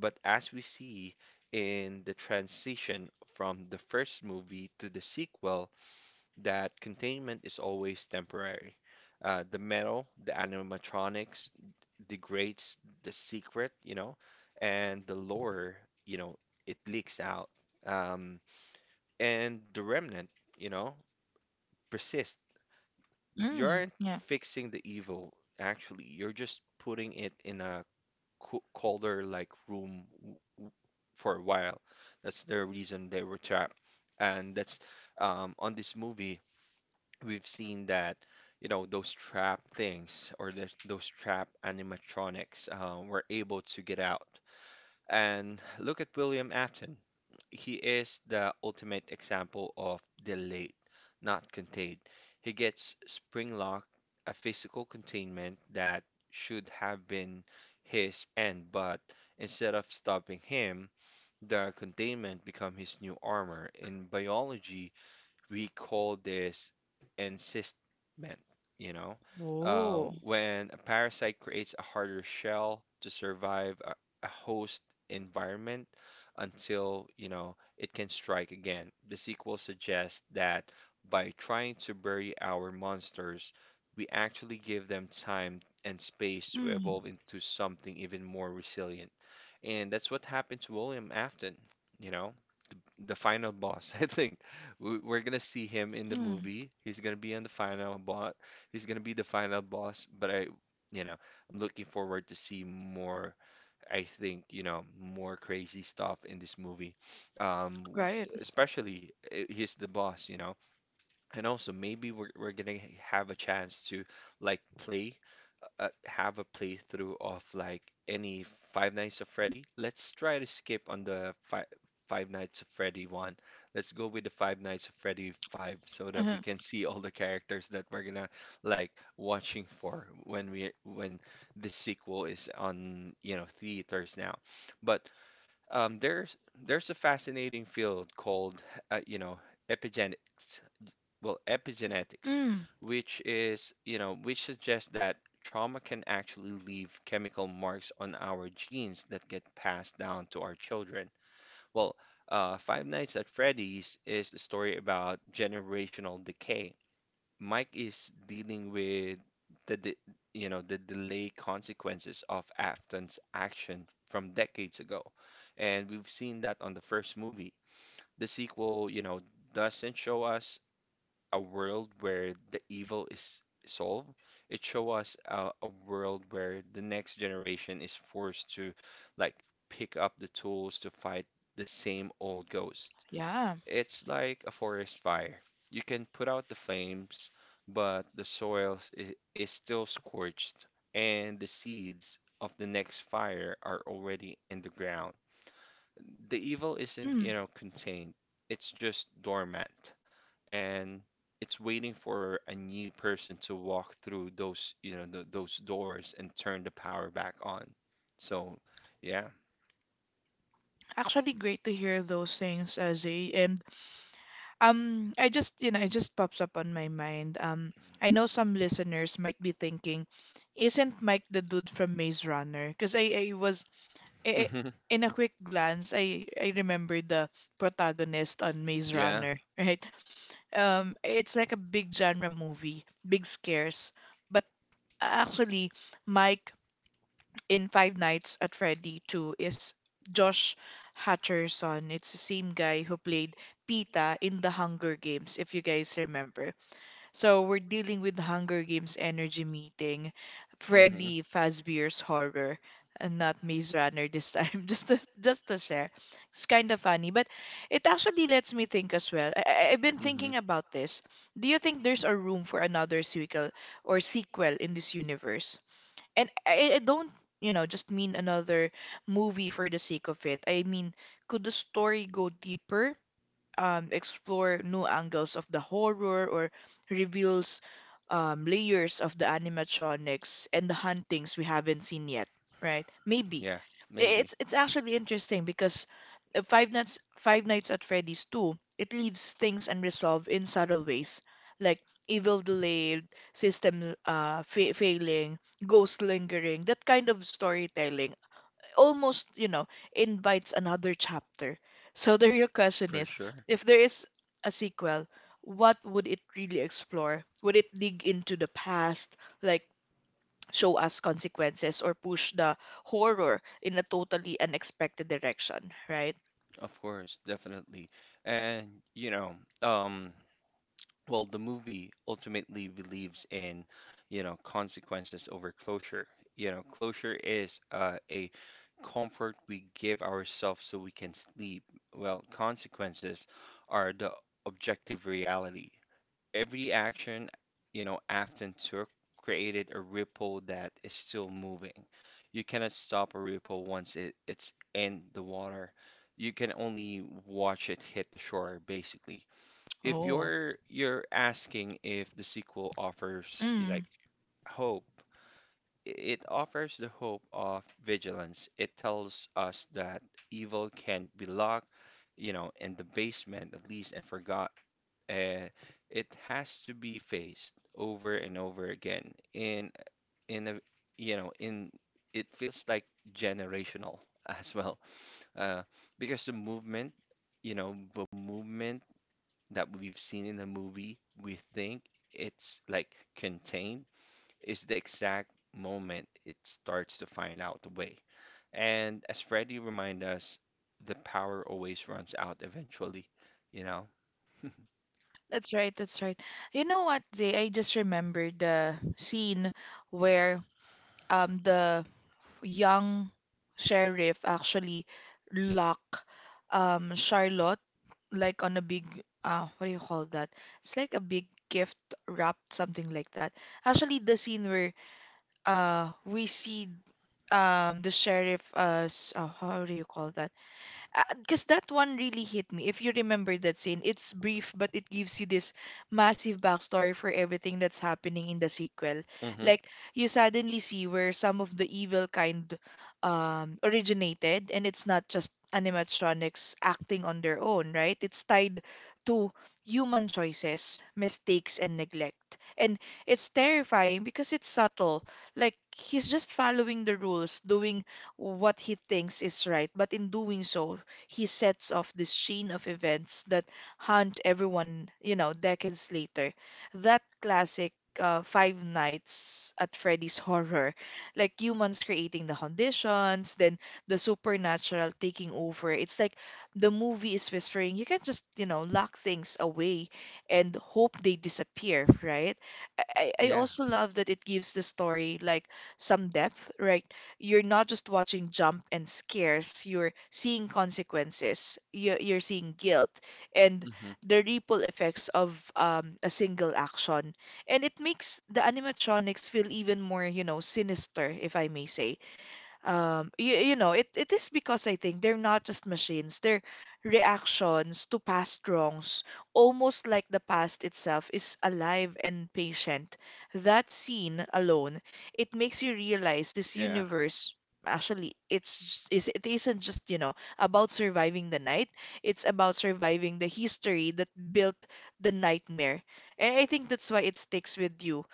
Speaker 1: But as we see in the transition from the first movie to the sequel, that containment is always temporary. The metal, the animatronics, degrades the secret, you know, and the lore, you know, it leaks out. Um, and the remnant, you know, persist. You
Speaker 2: Mm,
Speaker 1: aren't
Speaker 2: yeah.
Speaker 1: fixing the evil, actually. You're just putting it in a colder like room for a while. That's the reason they were trapped. And that's on this movie, we've seen that you know those trap things or the, those trap animatronics were able to get out. And look at William Afton. He is the ultimate example of delayed, not contained. He gets spring lock, a physical containment that should have been his end, but instead of stopping him, the containment become his new armor. In biology, we call this encystment, you know.
Speaker 2: Whoa.
Speaker 1: When a parasite creates a harder shell to survive a host environment until, you know, it can strike again. The sequel suggests that by trying to bury our monsters, we actually give them time and space to
Speaker 2: Mm,
Speaker 1: evolve into something even more resilient. And that's what happened to William Afton, you know the final boss. <laughs> I think we're gonna see him in the
Speaker 2: mm,
Speaker 1: movie. He's gonna be on the final boss. He's gonna be the final boss. But I, you know, I'm looking forward to see more. I think you know more crazy stuff in this movie. Um, w-
Speaker 2: right.
Speaker 1: Especially he's the boss, you know, and also maybe we're gonna have a chance to like play have a playthrough of like any Five Nights at Freddy, let's try to skip on the fi Five Nights at Freddy one. Let's go with the Five Nights at Freddy five so that
Speaker 2: Uh-huh.
Speaker 1: we can see all the characters that we're gonna like watching for when we when the sequel is on, you know, theaters now. But um, there's there's a fascinating field called you know, epigenetics epigenetics,
Speaker 2: Mm,
Speaker 1: which is, you know, which suggests that trauma can actually leave chemical marks on our genes that get passed down to our children. Well, Five Nights at Freddy's is a story about generational decay. Mike is dealing with the, de- you know, the delay consequences of Afton's action from decades ago, and we've seen that on the first movie. The sequel, you know, doesn't show us a world where the evil is solved. It show us a world where the next generation is forced to like pick up the tools to fight the same old ghost.
Speaker 2: yeah.
Speaker 1: It's like a forest fire. You can put out the flames, but is still scorched, and the seeds of the next fire are already in the ground. The evil isn't, you
Speaker 2: Mm.
Speaker 1: know, contained. It's just dormant and it's waiting for a new person to walk through those, you know, th those doors and turn the power back on. So, yeah.
Speaker 2: Actually, great to hear those things, Azay. And I just, you know, it just pops up on my mind. I know some listeners might be thinking, isn't Mike the dude from Maze Runner? Because I was, I-
Speaker 1: Hmm.
Speaker 2: in a quick glance, I remember the protagonist on Maze
Speaker 1: Yeah.
Speaker 2: Runner, <laughs> right? It's like a big genre movie, big scares. But actually, Mike in Five Nights at Freddy 2 is Josh Hutcherson. It's the same guy who played Pita in the Hunger Games, if you guys remember. So we're dealing with the Hunger Games energy meeting,
Speaker 1: Hmm.
Speaker 2: Freddy Fazbear's horror, and not Maze Runner this time. <laughs> Just to share, it's kind of funny, but it actually lets me think as well. I've been
Speaker 1: Hmm.
Speaker 2: thinking about this. Do you think there's a room for another sequel or sequel in this universe? And I don't, you know, just mean another movie for the sake of it. I mean, could the story go deeper, explore new angles of the horror, or reveals layers of the animatronics and the huntings we haven't seen yet, right? Maybe
Speaker 1: Yeah, maybe.
Speaker 2: it's actually interesting because Five Nights at Freddy's 2, it leaves things unresolved in subtle ways, like evil delayed, system fa failing, ghost lingering. That kind of storytelling almost, you know, invites another chapter. So <laughs> the real question
Speaker 1: For
Speaker 2: is,
Speaker 1: sure.
Speaker 2: if there is a sequel, what would it really explore? Would it dig into the past, like show us consequences, or push the horror in a totally unexpected direction, right?
Speaker 1: Of course, definitely. And you know, um, well, the movie ultimately believes in, you know, consequences over closure. You know, closure is a comfort we give ourselves so we can sleep. Well, consequences are the objective reality. Every action, you know, Afton took created a ripple that is still moving. You cannot stop a ripple once it, it's in the water. You can only watch it hit the shore, basically if
Speaker 2: Oh.
Speaker 1: you're asking if the sequel offers you like
Speaker 2: Mm,
Speaker 1: hope, it offers the hope of vigilance. It tells us that evil can't be locked, you know, in the basement at least and forgot. Uh, it has to be faced over and over again in a you know in it feels like generational <laughs> as well uh, because the movement you know the movement that we've seen in the movie we think it's like contained is the exact moment it starts to find out the way. And as Freddy reminded us, the power always runs out eventually, you know? <laughs>
Speaker 2: that's right, that's right. You know what, Zay? I just remembered the scene where the young sheriff actually lock Charlotte like on a big what do you call that? It's like a big gift wrapped, something like that. Actually the scene where we see the sheriff as how do you call that? Because that one really hit me. If you remember that scene, it's brief, but it gives you this massive backstory for everything that's happening in the sequel.
Speaker 1: Hmm.
Speaker 2: Like, you suddenly see where some of the evil kind originated, and it's not just animatronics acting on their own, right? It's tied to human choices, mistakes, and neglect. And it's terrifying because it's subtle. Like, he's just following the rules, doing what he thinks is right, but in doing so, he sets off this chain of events that haunt everyone, you know, decades later. That classic Five Nights at Freddy's horror, like humans creating the conditions, then the supernatural taking over. It's like the movie is whispering, you can not just, you know, lock things away and hope they disappear, right? I
Speaker 1: Yeah.
Speaker 2: also love that it gives the story like some depth, right? You're not just watching jump and scares, you're seeing consequences, you're seeing guilt and
Speaker 1: Hmm.
Speaker 2: the ripple effects of a single action. And it makes the animatronics feel even more, sinister, if I may say. It is because I think they're not just machines, their reactions to past wrongs, almost like the past itself is alive and patient. That scene alone, it makes you realize this
Speaker 1: Yeah.
Speaker 2: universe actually it's is it isn't just, you know, about surviving the night. It's about surviving the history that built the nightmare. And I think that's why it sticks with you,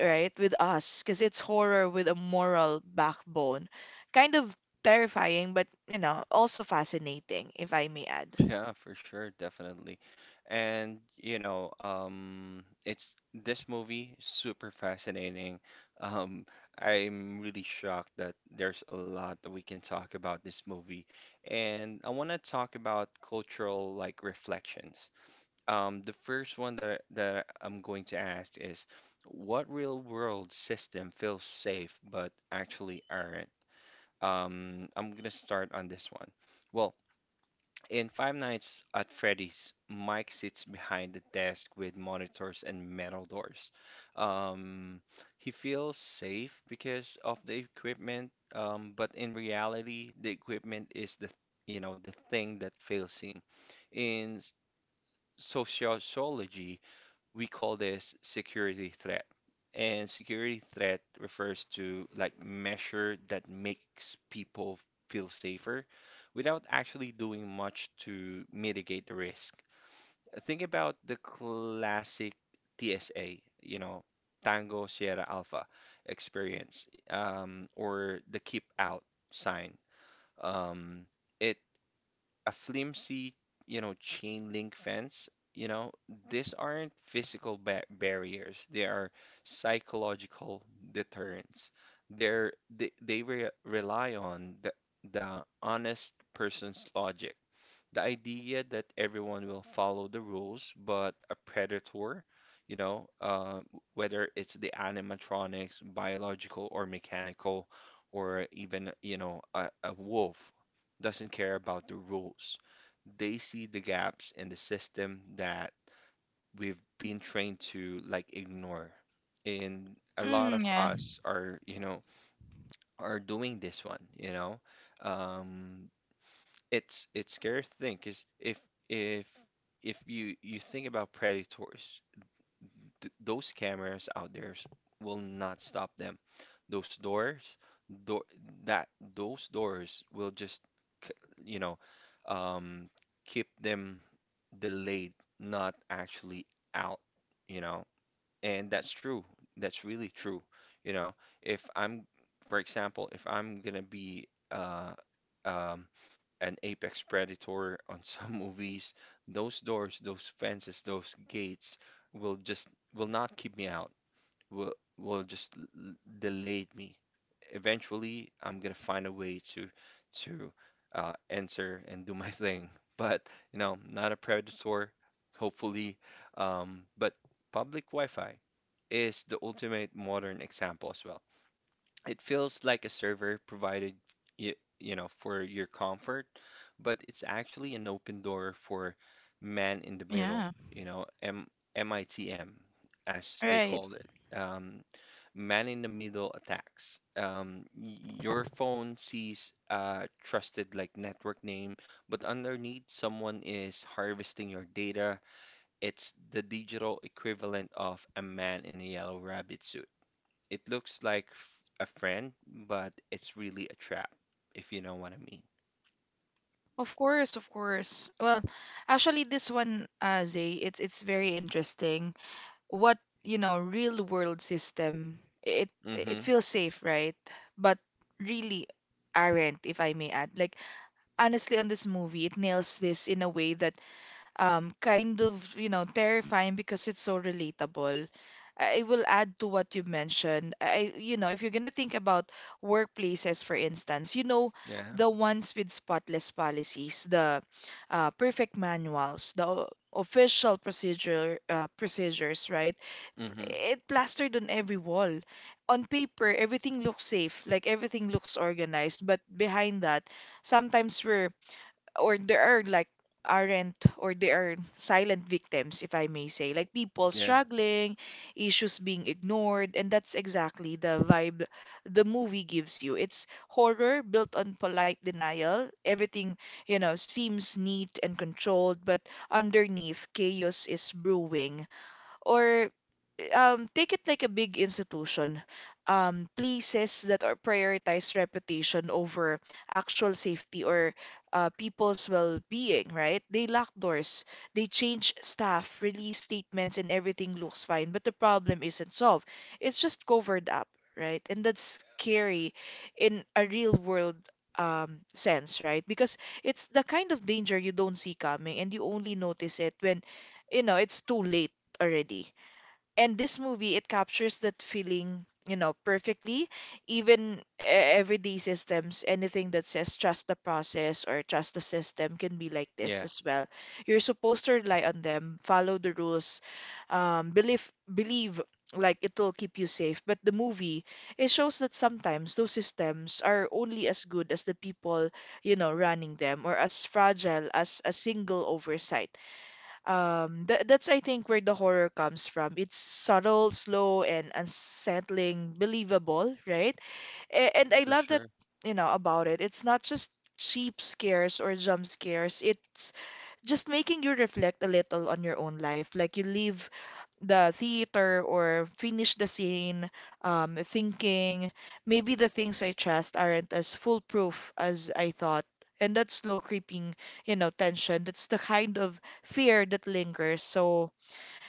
Speaker 2: right, with us, because it's horror with a moral backbone. Kind of terrifying, but you know, also fascinating, if I may add.
Speaker 1: Yeah, for sure, definitely. And you know, it's this movie is super fascinating. <laughs> Um I'm really shocked that there's a lot that we can talk about this movie. And I want to talk about cultural like reflections. The first one that I'm going to ask is what real world system feels safe but actually aren't? I'm gonna start on this one. Well, in Five Nights at Freddy's, Mike sits behind the desk with monitors and metal doors. Um, he feels safe because of the equipment, but in reality, the equipment is the thing that fails him. In sociology, we call this security threat. And security threat refers to like measure that makes people feel safer without actually doing much to mitigate the risk. Think about the classic TSA, you know, Tango Sierra Alpha experience, or the keep out sign. Um, it a flimsy, you know, chain link fence, you know, these aren't physical ba barriers. They are psychological deterrents. They're, they re rely on the honest person's logic. The idea that everyone will follow the rules, but a predator, you know, whether it's the animatronics, biological or mechanical, or even, you know, a wolf, doesn't care about the rules. They see the gaps in the system that we've been trained to like ignore. And a lot
Speaker 2: Mm,
Speaker 1: of
Speaker 2: yeah,
Speaker 1: us are, you know, are doing this one, you know. Um, it's scary to think is if if if you think about predators, th those cameras out there will not stop them. Those doors, door that those doors will just c- you know um, keep them delayed, not actually out. You know, and that's true. That's really true. You know, if I'm, for example, if I'm gonna be um an apex predator on <laughs> some movies, those doors, those fences, those gates will just will not keep me out. Will will just l- delay me. Eventually, I'm gonna find a way to enter and do <laughs> my thing. But you know, not a predator, hopefully. But public Wi-Fi is the ultimate modern example as well. It feels like a server provided you know, for your comfort, but it's actually an open door for man in the middle,
Speaker 2: yeah,
Speaker 1: you know, M MITM as they
Speaker 2: right.
Speaker 1: called it. Man in the middle attacks. Your phone sees a trusted like network name, but underneath someone is harvesting your data. It's the digital equivalent of a man in a yellow rabbit suit. It looks like a friend, but it's really a trap, if you know what I mean.
Speaker 2: Of course, of course. Well, actually, this one, Zay, it's very interesting. What, you know, real world system, it
Speaker 1: Mm-hmm.
Speaker 2: it feels safe, right? But really aren't, if I may add. Like, honestly, on this movie, it nails this in a way that kind of, you know, terrifying because it's so relatable. I will add to what you mentioned. I, you know, if you're gonna think about workplaces, for instance, you know,
Speaker 1: Yeah.
Speaker 2: the ones with spotless policies, the perfect manuals, the official procedure procedures, right?
Speaker 1: Mm-hmm.
Speaker 2: It plastered on every wall. On paper, everything looks safe, like everything looks organized, but behind that, sometimes we're or there are like aren't or they are silent victims, if I may say, like people
Speaker 1: Yeah.
Speaker 2: struggling, issues being ignored, and that's exactly the vibe the movie gives you. It's horror built on polite denial. Everything, you know, seems neat and controlled, but underneath, chaos is brewing. Or take it like a big institution. Places that are prioritize reputation over actual safety or people's well-being, right? They lock doors, they change staff, release statements, and everything looks fine, but the problem isn't solved. It's just covered up, right? And that's scary in a real-world sense, right? Because it's the kind of danger you don't see coming, and you only notice it when, you know, it's too late already. And this movie, it captures that feeling, you know, perfectly. Even everyday systems, anything that says trust the process or trust the system can be like this
Speaker 1: Yeah.
Speaker 2: as well. You're supposed to rely on them, follow the rules, believe like it will keep you safe. But the movie, it shows that sometimes those systems are only as good as the people, you know, running them, or as fragile as a single oversight. That that's, I think, where the horror comes from. It's subtle, slow, and unsettling, believable, right? A and I
Speaker 1: For
Speaker 2: love that,
Speaker 1: sure.
Speaker 2: you know, about it. It's not just cheap scares or jump scares. It's just making you reflect a little on your own life. Like you live the theater or finish the scene, thinking maybe the things I trust aren't as foolproof as I thought. And that slow creeping, you know, tension, that's the kind of fear that lingers. So,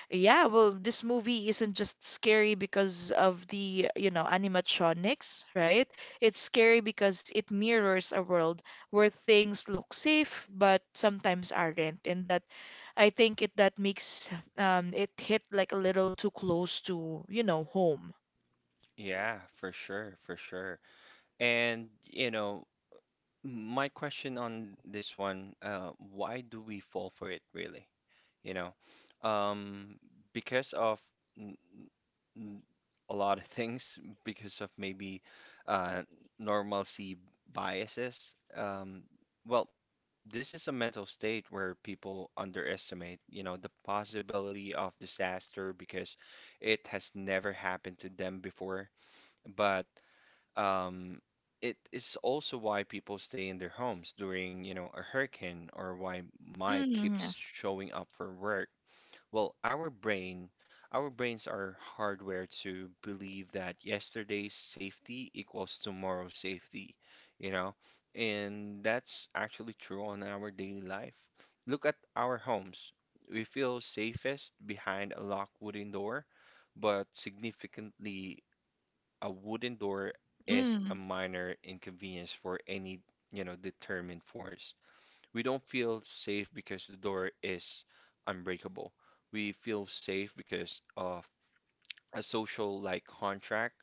Speaker 2: yeah, well, this movie isn't just scary because of the, you know, animatronics, right? It's scary because it mirrors a world where things look safe but sometimes aren't. And that, I think it that makes it hit like a little too close to, you know, home.
Speaker 1: Yeah, for sure, for sure. And, you know, my question on this one, why do we fall for it really? You know, um, because of n- n- a lot of <laughs> things, because of maybe uh, normalcy biases. Well, this is a mental state where people underestimate, you know, the possibility of disaster because it has never happened to them before. But um, it is also why people stay in their homes during, you know, a hurricane or why Mike
Speaker 2: Mm,
Speaker 1: keeps showing up for work. Well, our brains are hardware to believe that yesterday's safety equals tomorrow's safety, you know, and that's actually true on our daily life. Look at our homes. We feel safest behind a locked wooden door, but significantly a wooden door is a
Speaker 2: mm,
Speaker 1: minor inconvenience for any, you know, determined force. We don't feel safe because the door is unbreakable. We feel safe because of a social like contract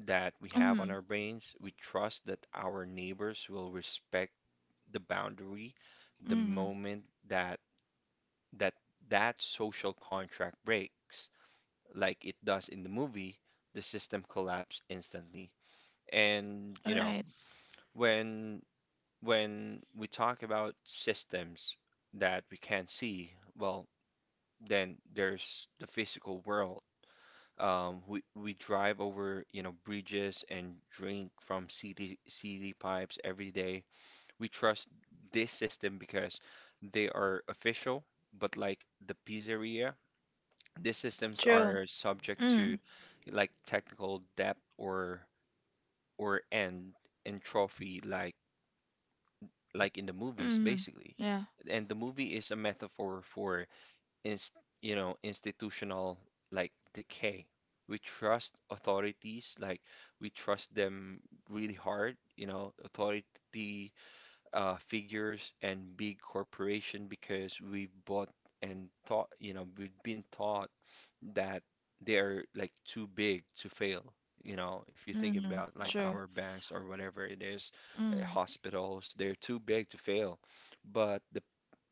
Speaker 1: that we have on
Speaker 2: mm,
Speaker 1: our brains. We trust that our neighbors will respect the boundary the
Speaker 2: mm.
Speaker 1: moment that that that social contract breaks, like it does in the movie, the system collapses instantly. And, you know,
Speaker 2: Right.
Speaker 1: When when we talk about systems that we can't see, well, then there's the physical world. We drive over, you know, bridges and drink from CDCD pipes every day. We trust this system because they are official, but like the pizzeria, these systems
Speaker 2: True.
Speaker 1: are subject to
Speaker 2: Mm,
Speaker 1: like technical debt or end and trophy like in the movies,
Speaker 2: mm.
Speaker 1: basically.
Speaker 2: Yeah.
Speaker 1: And the movie is a metaphor for, inst you know, institutional like decay. We trust authorities, like we trust them really hard, you know, authority figures and big corporation because we've bought and taught, you know, we've been taught that they're like too big to fail. You know, if you think
Speaker 2: Mm,
Speaker 1: about like
Speaker 2: true.
Speaker 1: our banks or whatever it is,
Speaker 2: Mm.
Speaker 1: hospitals, they're too big to fail. But the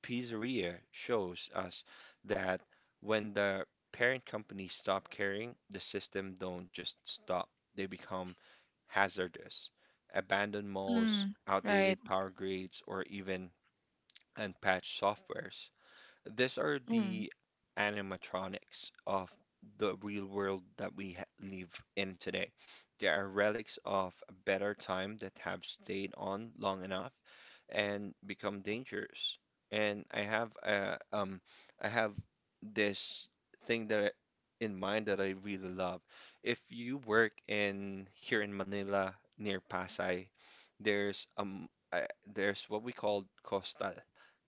Speaker 1: pizzeria shows us that when the parent company stop caring, the system don't just stop. They become hazardous. Abandoned malls,
Speaker 2: Mm, right.
Speaker 1: outdated power grids, or even unpatched softwares. These are
Speaker 2: Mm.
Speaker 1: the animatronics of the real world that we ha live in today. They are relics of a better time that have stayed on long enough and become dangerous. And I have I have this thing that I, in mind that I really love. If you work in here in Manila near Pasay, there's um, there's what we call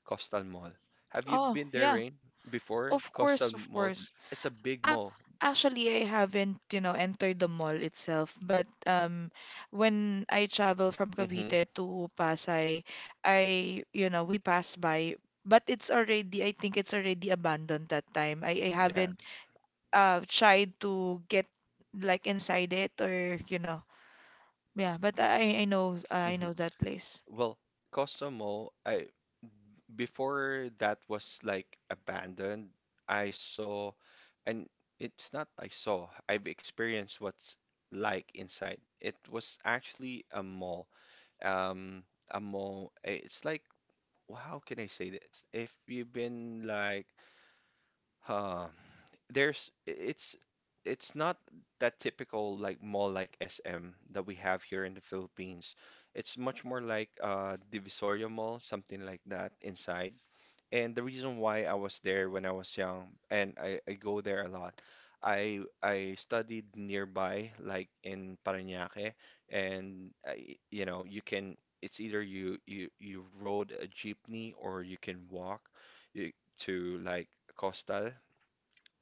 Speaker 1: Coastal Mall. Have you
Speaker 2: Oh,
Speaker 1: been there,
Speaker 2: yeah.
Speaker 1: Rain, before?
Speaker 2: Of
Speaker 1: Coastal
Speaker 2: course, of
Speaker 1: Mall.
Speaker 2: course.
Speaker 1: It's a big
Speaker 2: Ah,
Speaker 1: mall.
Speaker 2: actually, I haven't, you know, entered the mall itself, but when I travel from
Speaker 1: Hmm.
Speaker 2: Cavite to Pasay, I, you know, we pass by, but it's already, I think it's already abandoned that time. I
Speaker 1: Yeah.
Speaker 2: haven't tried to get like inside it or, you know, yeah, but I
Speaker 1: Hmm.
Speaker 2: know that place.
Speaker 1: Well, Coastal Mall, I before that was like abandoned. I saw, and it's not I saw. I've experienced what's like inside. It was actually a mall. Um, a mall. It's like, how can I say this? If you've been like, huh, there's it's it's not that typical like mall like SM that we have here in the Philippines. It's much more like Divisoria Mall, something like that inside. And the reason why I was there when I was young and I go there a lot. I studied nearby like in Parañaque and you know you can it's either you rode a jeepney or you can walk you, to like Coastal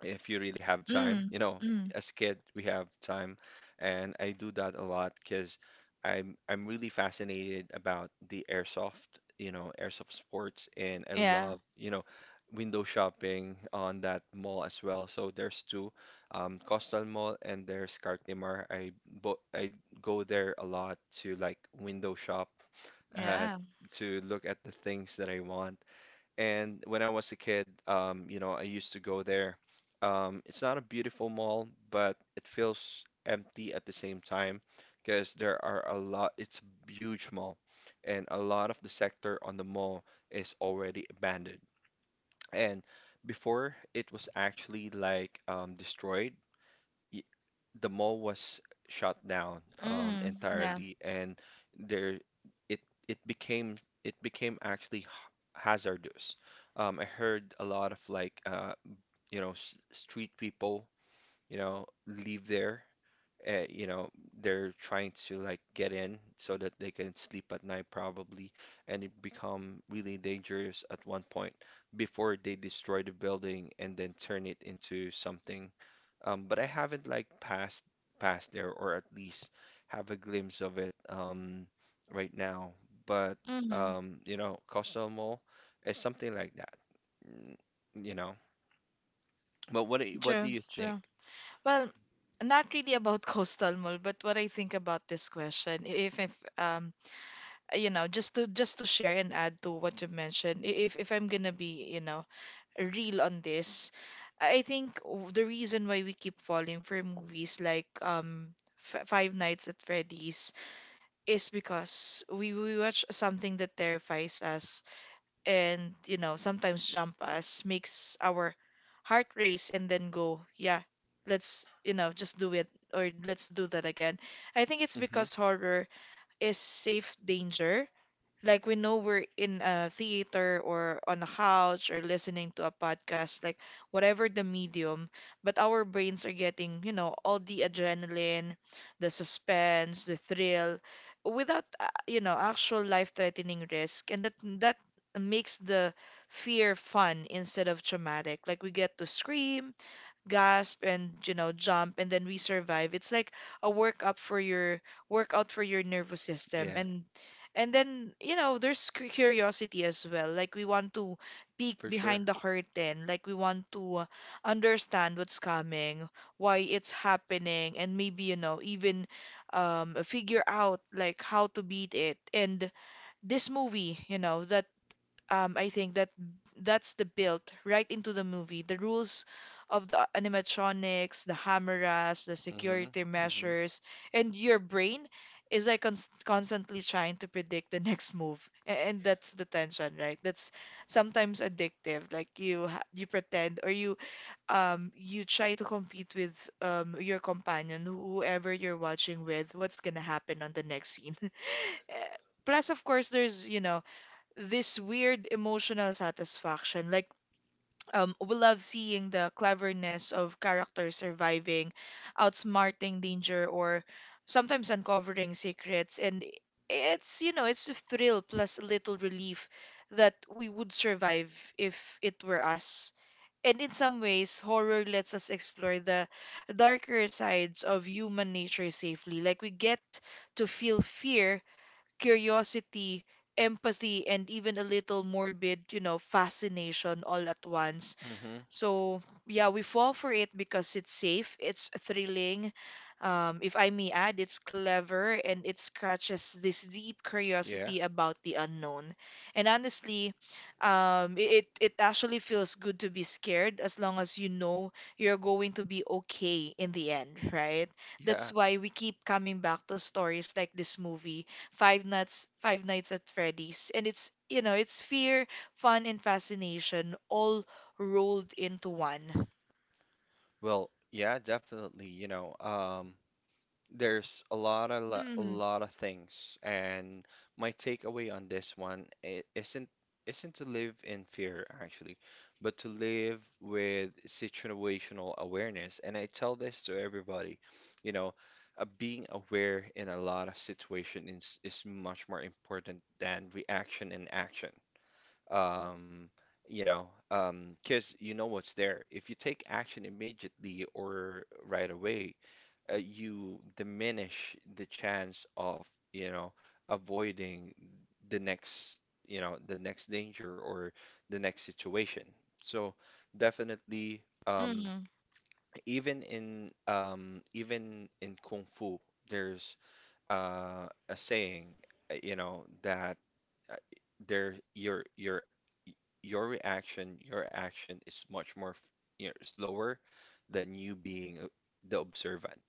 Speaker 1: if you really have time.
Speaker 2: Mm,
Speaker 1: You know,
Speaker 2: mm,
Speaker 1: as a kid, we have time, and I do that a lot because I'm really fascinated about the airsoft, you know, airsoft sports, and I
Speaker 2: yeah,
Speaker 1: love, you know, window shopping on that mall as well. So there's two, Coastal Mall and there's Cartimar. I go there a lot to like window shop, uh,
Speaker 2: yeah.
Speaker 1: to look at the things that I want. And when I was a kid, you know, I used to go there. It's not a beautiful mall, but it feels empty at the same time because there are a lot, it's a huge mall, and a lot of the sector on the mall is already abandoned. And before it was actually like destroyed, y- the mall was shut down
Speaker 2: Mm, yeah.
Speaker 1: entirely, and there it it became it became actually hazardous. I heard a lot of like you know s street people you know leave there, you know, they're trying to like get in so that they can sleep at night probably, and it become really dangerous at one point before they destroy the building and then turn it into something. But I haven't like passed past there or at least have a glimpse of it right now. But
Speaker 2: Mm,
Speaker 1: you know, Coastal Mall is something like that, mm, you know. But what do
Speaker 2: true,
Speaker 1: you think?
Speaker 2: true. Well, not really about <laughs> coastal mall, but what I think about this question, if you know, just to share and add to what you mentioned, if I'm gonna be, you know, real on this, I think the reason why we keep falling for movies like Five Nights at Freddy's is because we watch something that terrifies us and you know sometimes jump us makes our heart race and then go yeah, let's, you know, just do it or let's do that again. I think it's
Speaker 1: Hmm.
Speaker 2: because horror is safe danger. Like we know we're in a theater or on a couch or listening to a podcast, like whatever the medium, but our brains are getting, you know, all the adrenaline, the suspense, the thrill, without, you know, actual life-threatening risk, and that that makes the fear fun instead of traumatic. Like we get to scream, gasp, and you know, jump, and then we survive. It's like a work up for your workout for your nervous system.
Speaker 1: Yeah,
Speaker 2: And then, you know, there's curiosity as well. Like we want to peek
Speaker 1: for sure.
Speaker 2: behind the curtain, like we want to understand what's coming, why it's happening, and maybe, you know, even figure out like how to beat it. And this movie, you know, the I think that that's the built right into the movie. The rules of the animatronics, the cameras, the
Speaker 1: Mm-hmm.
Speaker 2: security
Speaker 1: Mm-hmm.
Speaker 2: measures, and your brain is like constantly trying to predict the <laughs> next move. And that's the tension, right? That's sometimes addictive. Like you ha you pretend or you you try to compete with your companion, whoever you're watching with, what's gonna happen on the next scene. <laughs> Eh, Plus, of course, there's, you know, this weird emotional satisfaction. Like, we love seeing the cleverness of characters surviving, outsmarting danger, or sometimes uncovering secrets. And it's, you know, it's a thrill plus a little relief that we would survive if it were us. And in some ways, horror lets us explore the darker sides of human nature safely. Like, we get to feel fear, curiosity, empathy, and even a little morbid, you know, fascination all at once.
Speaker 1: Mm-hmm.
Speaker 2: So yeah, we fall for it because it's safe, it's thrilling. If I may add, it's clever and it scratches this deep
Speaker 1: Yeah.
Speaker 2: curiosity about the unknown. And honestly, it it actually feels good to be scared as long as you know you're going to be okay in the end, right? That's
Speaker 1: Yeah.
Speaker 2: why we keep coming back to stories like this movie, Five Nights at Freddy's, and it's, you know, it's fear, fun, and fascination all rolled into one.
Speaker 1: Well, yeah, definitely. You know, there's a
Speaker 2: Mm,
Speaker 1: lot of things, and my takeaway on this one isn't to live in fear actually, but to live with situational awareness. And I tell this to everybody, you know, being aware in a lot of situation is much more important than reaction and action, um, because you know what's there. If you take action immediately or right away, you diminish the chance of, you know, avoiding the next, you know, the next danger or the next situation. So definitely,
Speaker 2: mm,
Speaker 1: even in even in Kung Fu, there's a saying, you know, that uh, there your reaction your action is much more you know, slower than you being the observant,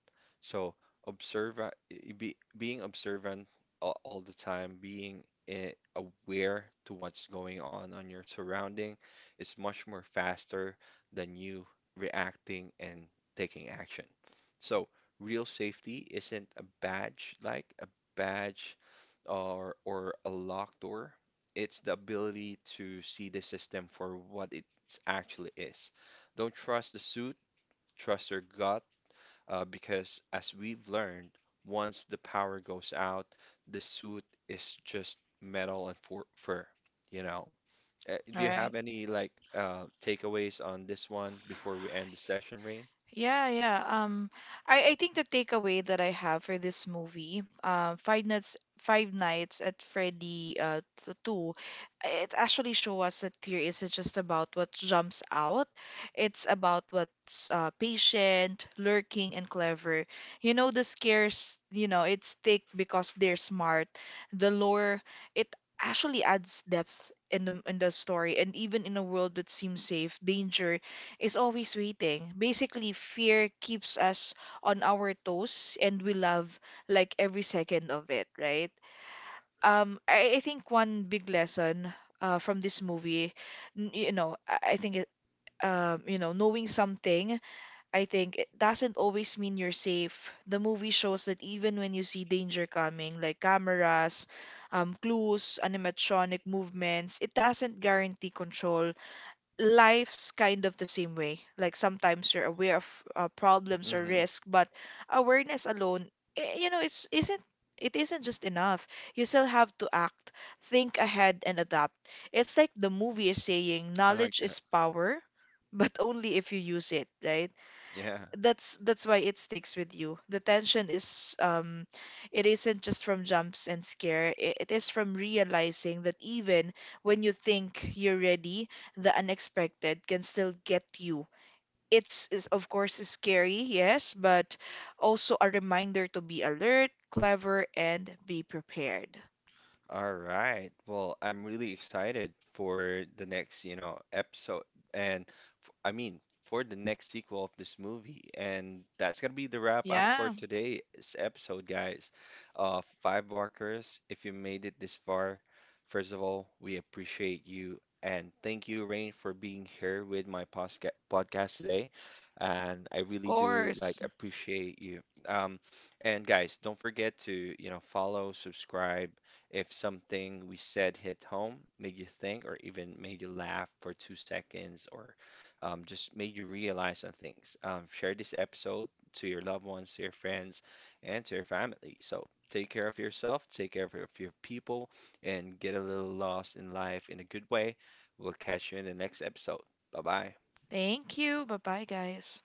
Speaker 1: so be, being observant all the time being aware to what's going on your surrounding is much more faster than you reacting and taking action. So real safety isn't a badge like a badge or a locked door. It's the ability to see the system for what it actually is. Don't trust the suit, trust your gut, because as we've learned, once the power goes out, the suit is just metal and for fur, you know. Do
Speaker 2: all
Speaker 1: you
Speaker 2: right.
Speaker 1: have any like takeaways on this one before we end the session, Rain?
Speaker 2: Yeah, yeah. I think the takeaway that I have for this movie, Five Nights at Freddy 2, it actually show us that fear isn't just about what jumps out. It's about what's patient, lurking, and clever. You know, the scares, you know, it's thick because they're smart. The lore, it actually adds depth in the story, and even in a world that seems safe, danger is always waiting. Basically, fear keeps us on our toes and we love like every second of it, right? I think one big lesson from this movie, you know, I think it, you know, knowing something, I think it doesn't always mean you're safe. The movie shows that even when you see danger coming, like cameras, clues, animatronic movements, it doesn't guarantee control. Life's kind of the same way. Like sometimes you're aware of problems or
Speaker 1: Hmm.
Speaker 2: risk, but awareness alone, you know, it's isn't it isn't just enough. You still have to act, think ahead, and adapt. It's like the movie is saying,
Speaker 1: I like
Speaker 2: knowledge
Speaker 1: that.
Speaker 2: is power, <laughs> but only if you use it, right?
Speaker 1: Yeah.
Speaker 2: That's why it sticks with you. The tension is it isn't just from jumps and scare. It is from realizing that even when you think you're ready, the unexpected can still get you. It's is of course is scary, yes, but also a reminder to be alert, clever, and be prepared.
Speaker 1: All right. Well, I'm really excited for the next, you know, episode and f I mean, for the next sequel of this movie. And that's gonna be the wrap up
Speaker 2: Yeah,
Speaker 1: for
Speaker 2: of
Speaker 1: today's episode, guys. Five Walkers, if you made it this far, first of all, we appreciate you. And thank you, Rain, for being here with my posca podcast today. And I really do
Speaker 2: course.
Speaker 1: like appreciate you. Um, and guys, don't forget to, you know, follow, subscribe if something we said hit home, made you think, or even made you laugh for two seconds, or just made you realize on things, share this episode to your loved ones, to your friends, and to your family. So take care of yourself, take care of your people, and get a little lost in life in a good way. We'll catch you in the next episode. Bye bye.
Speaker 2: Thank you. Bye-bye, guys.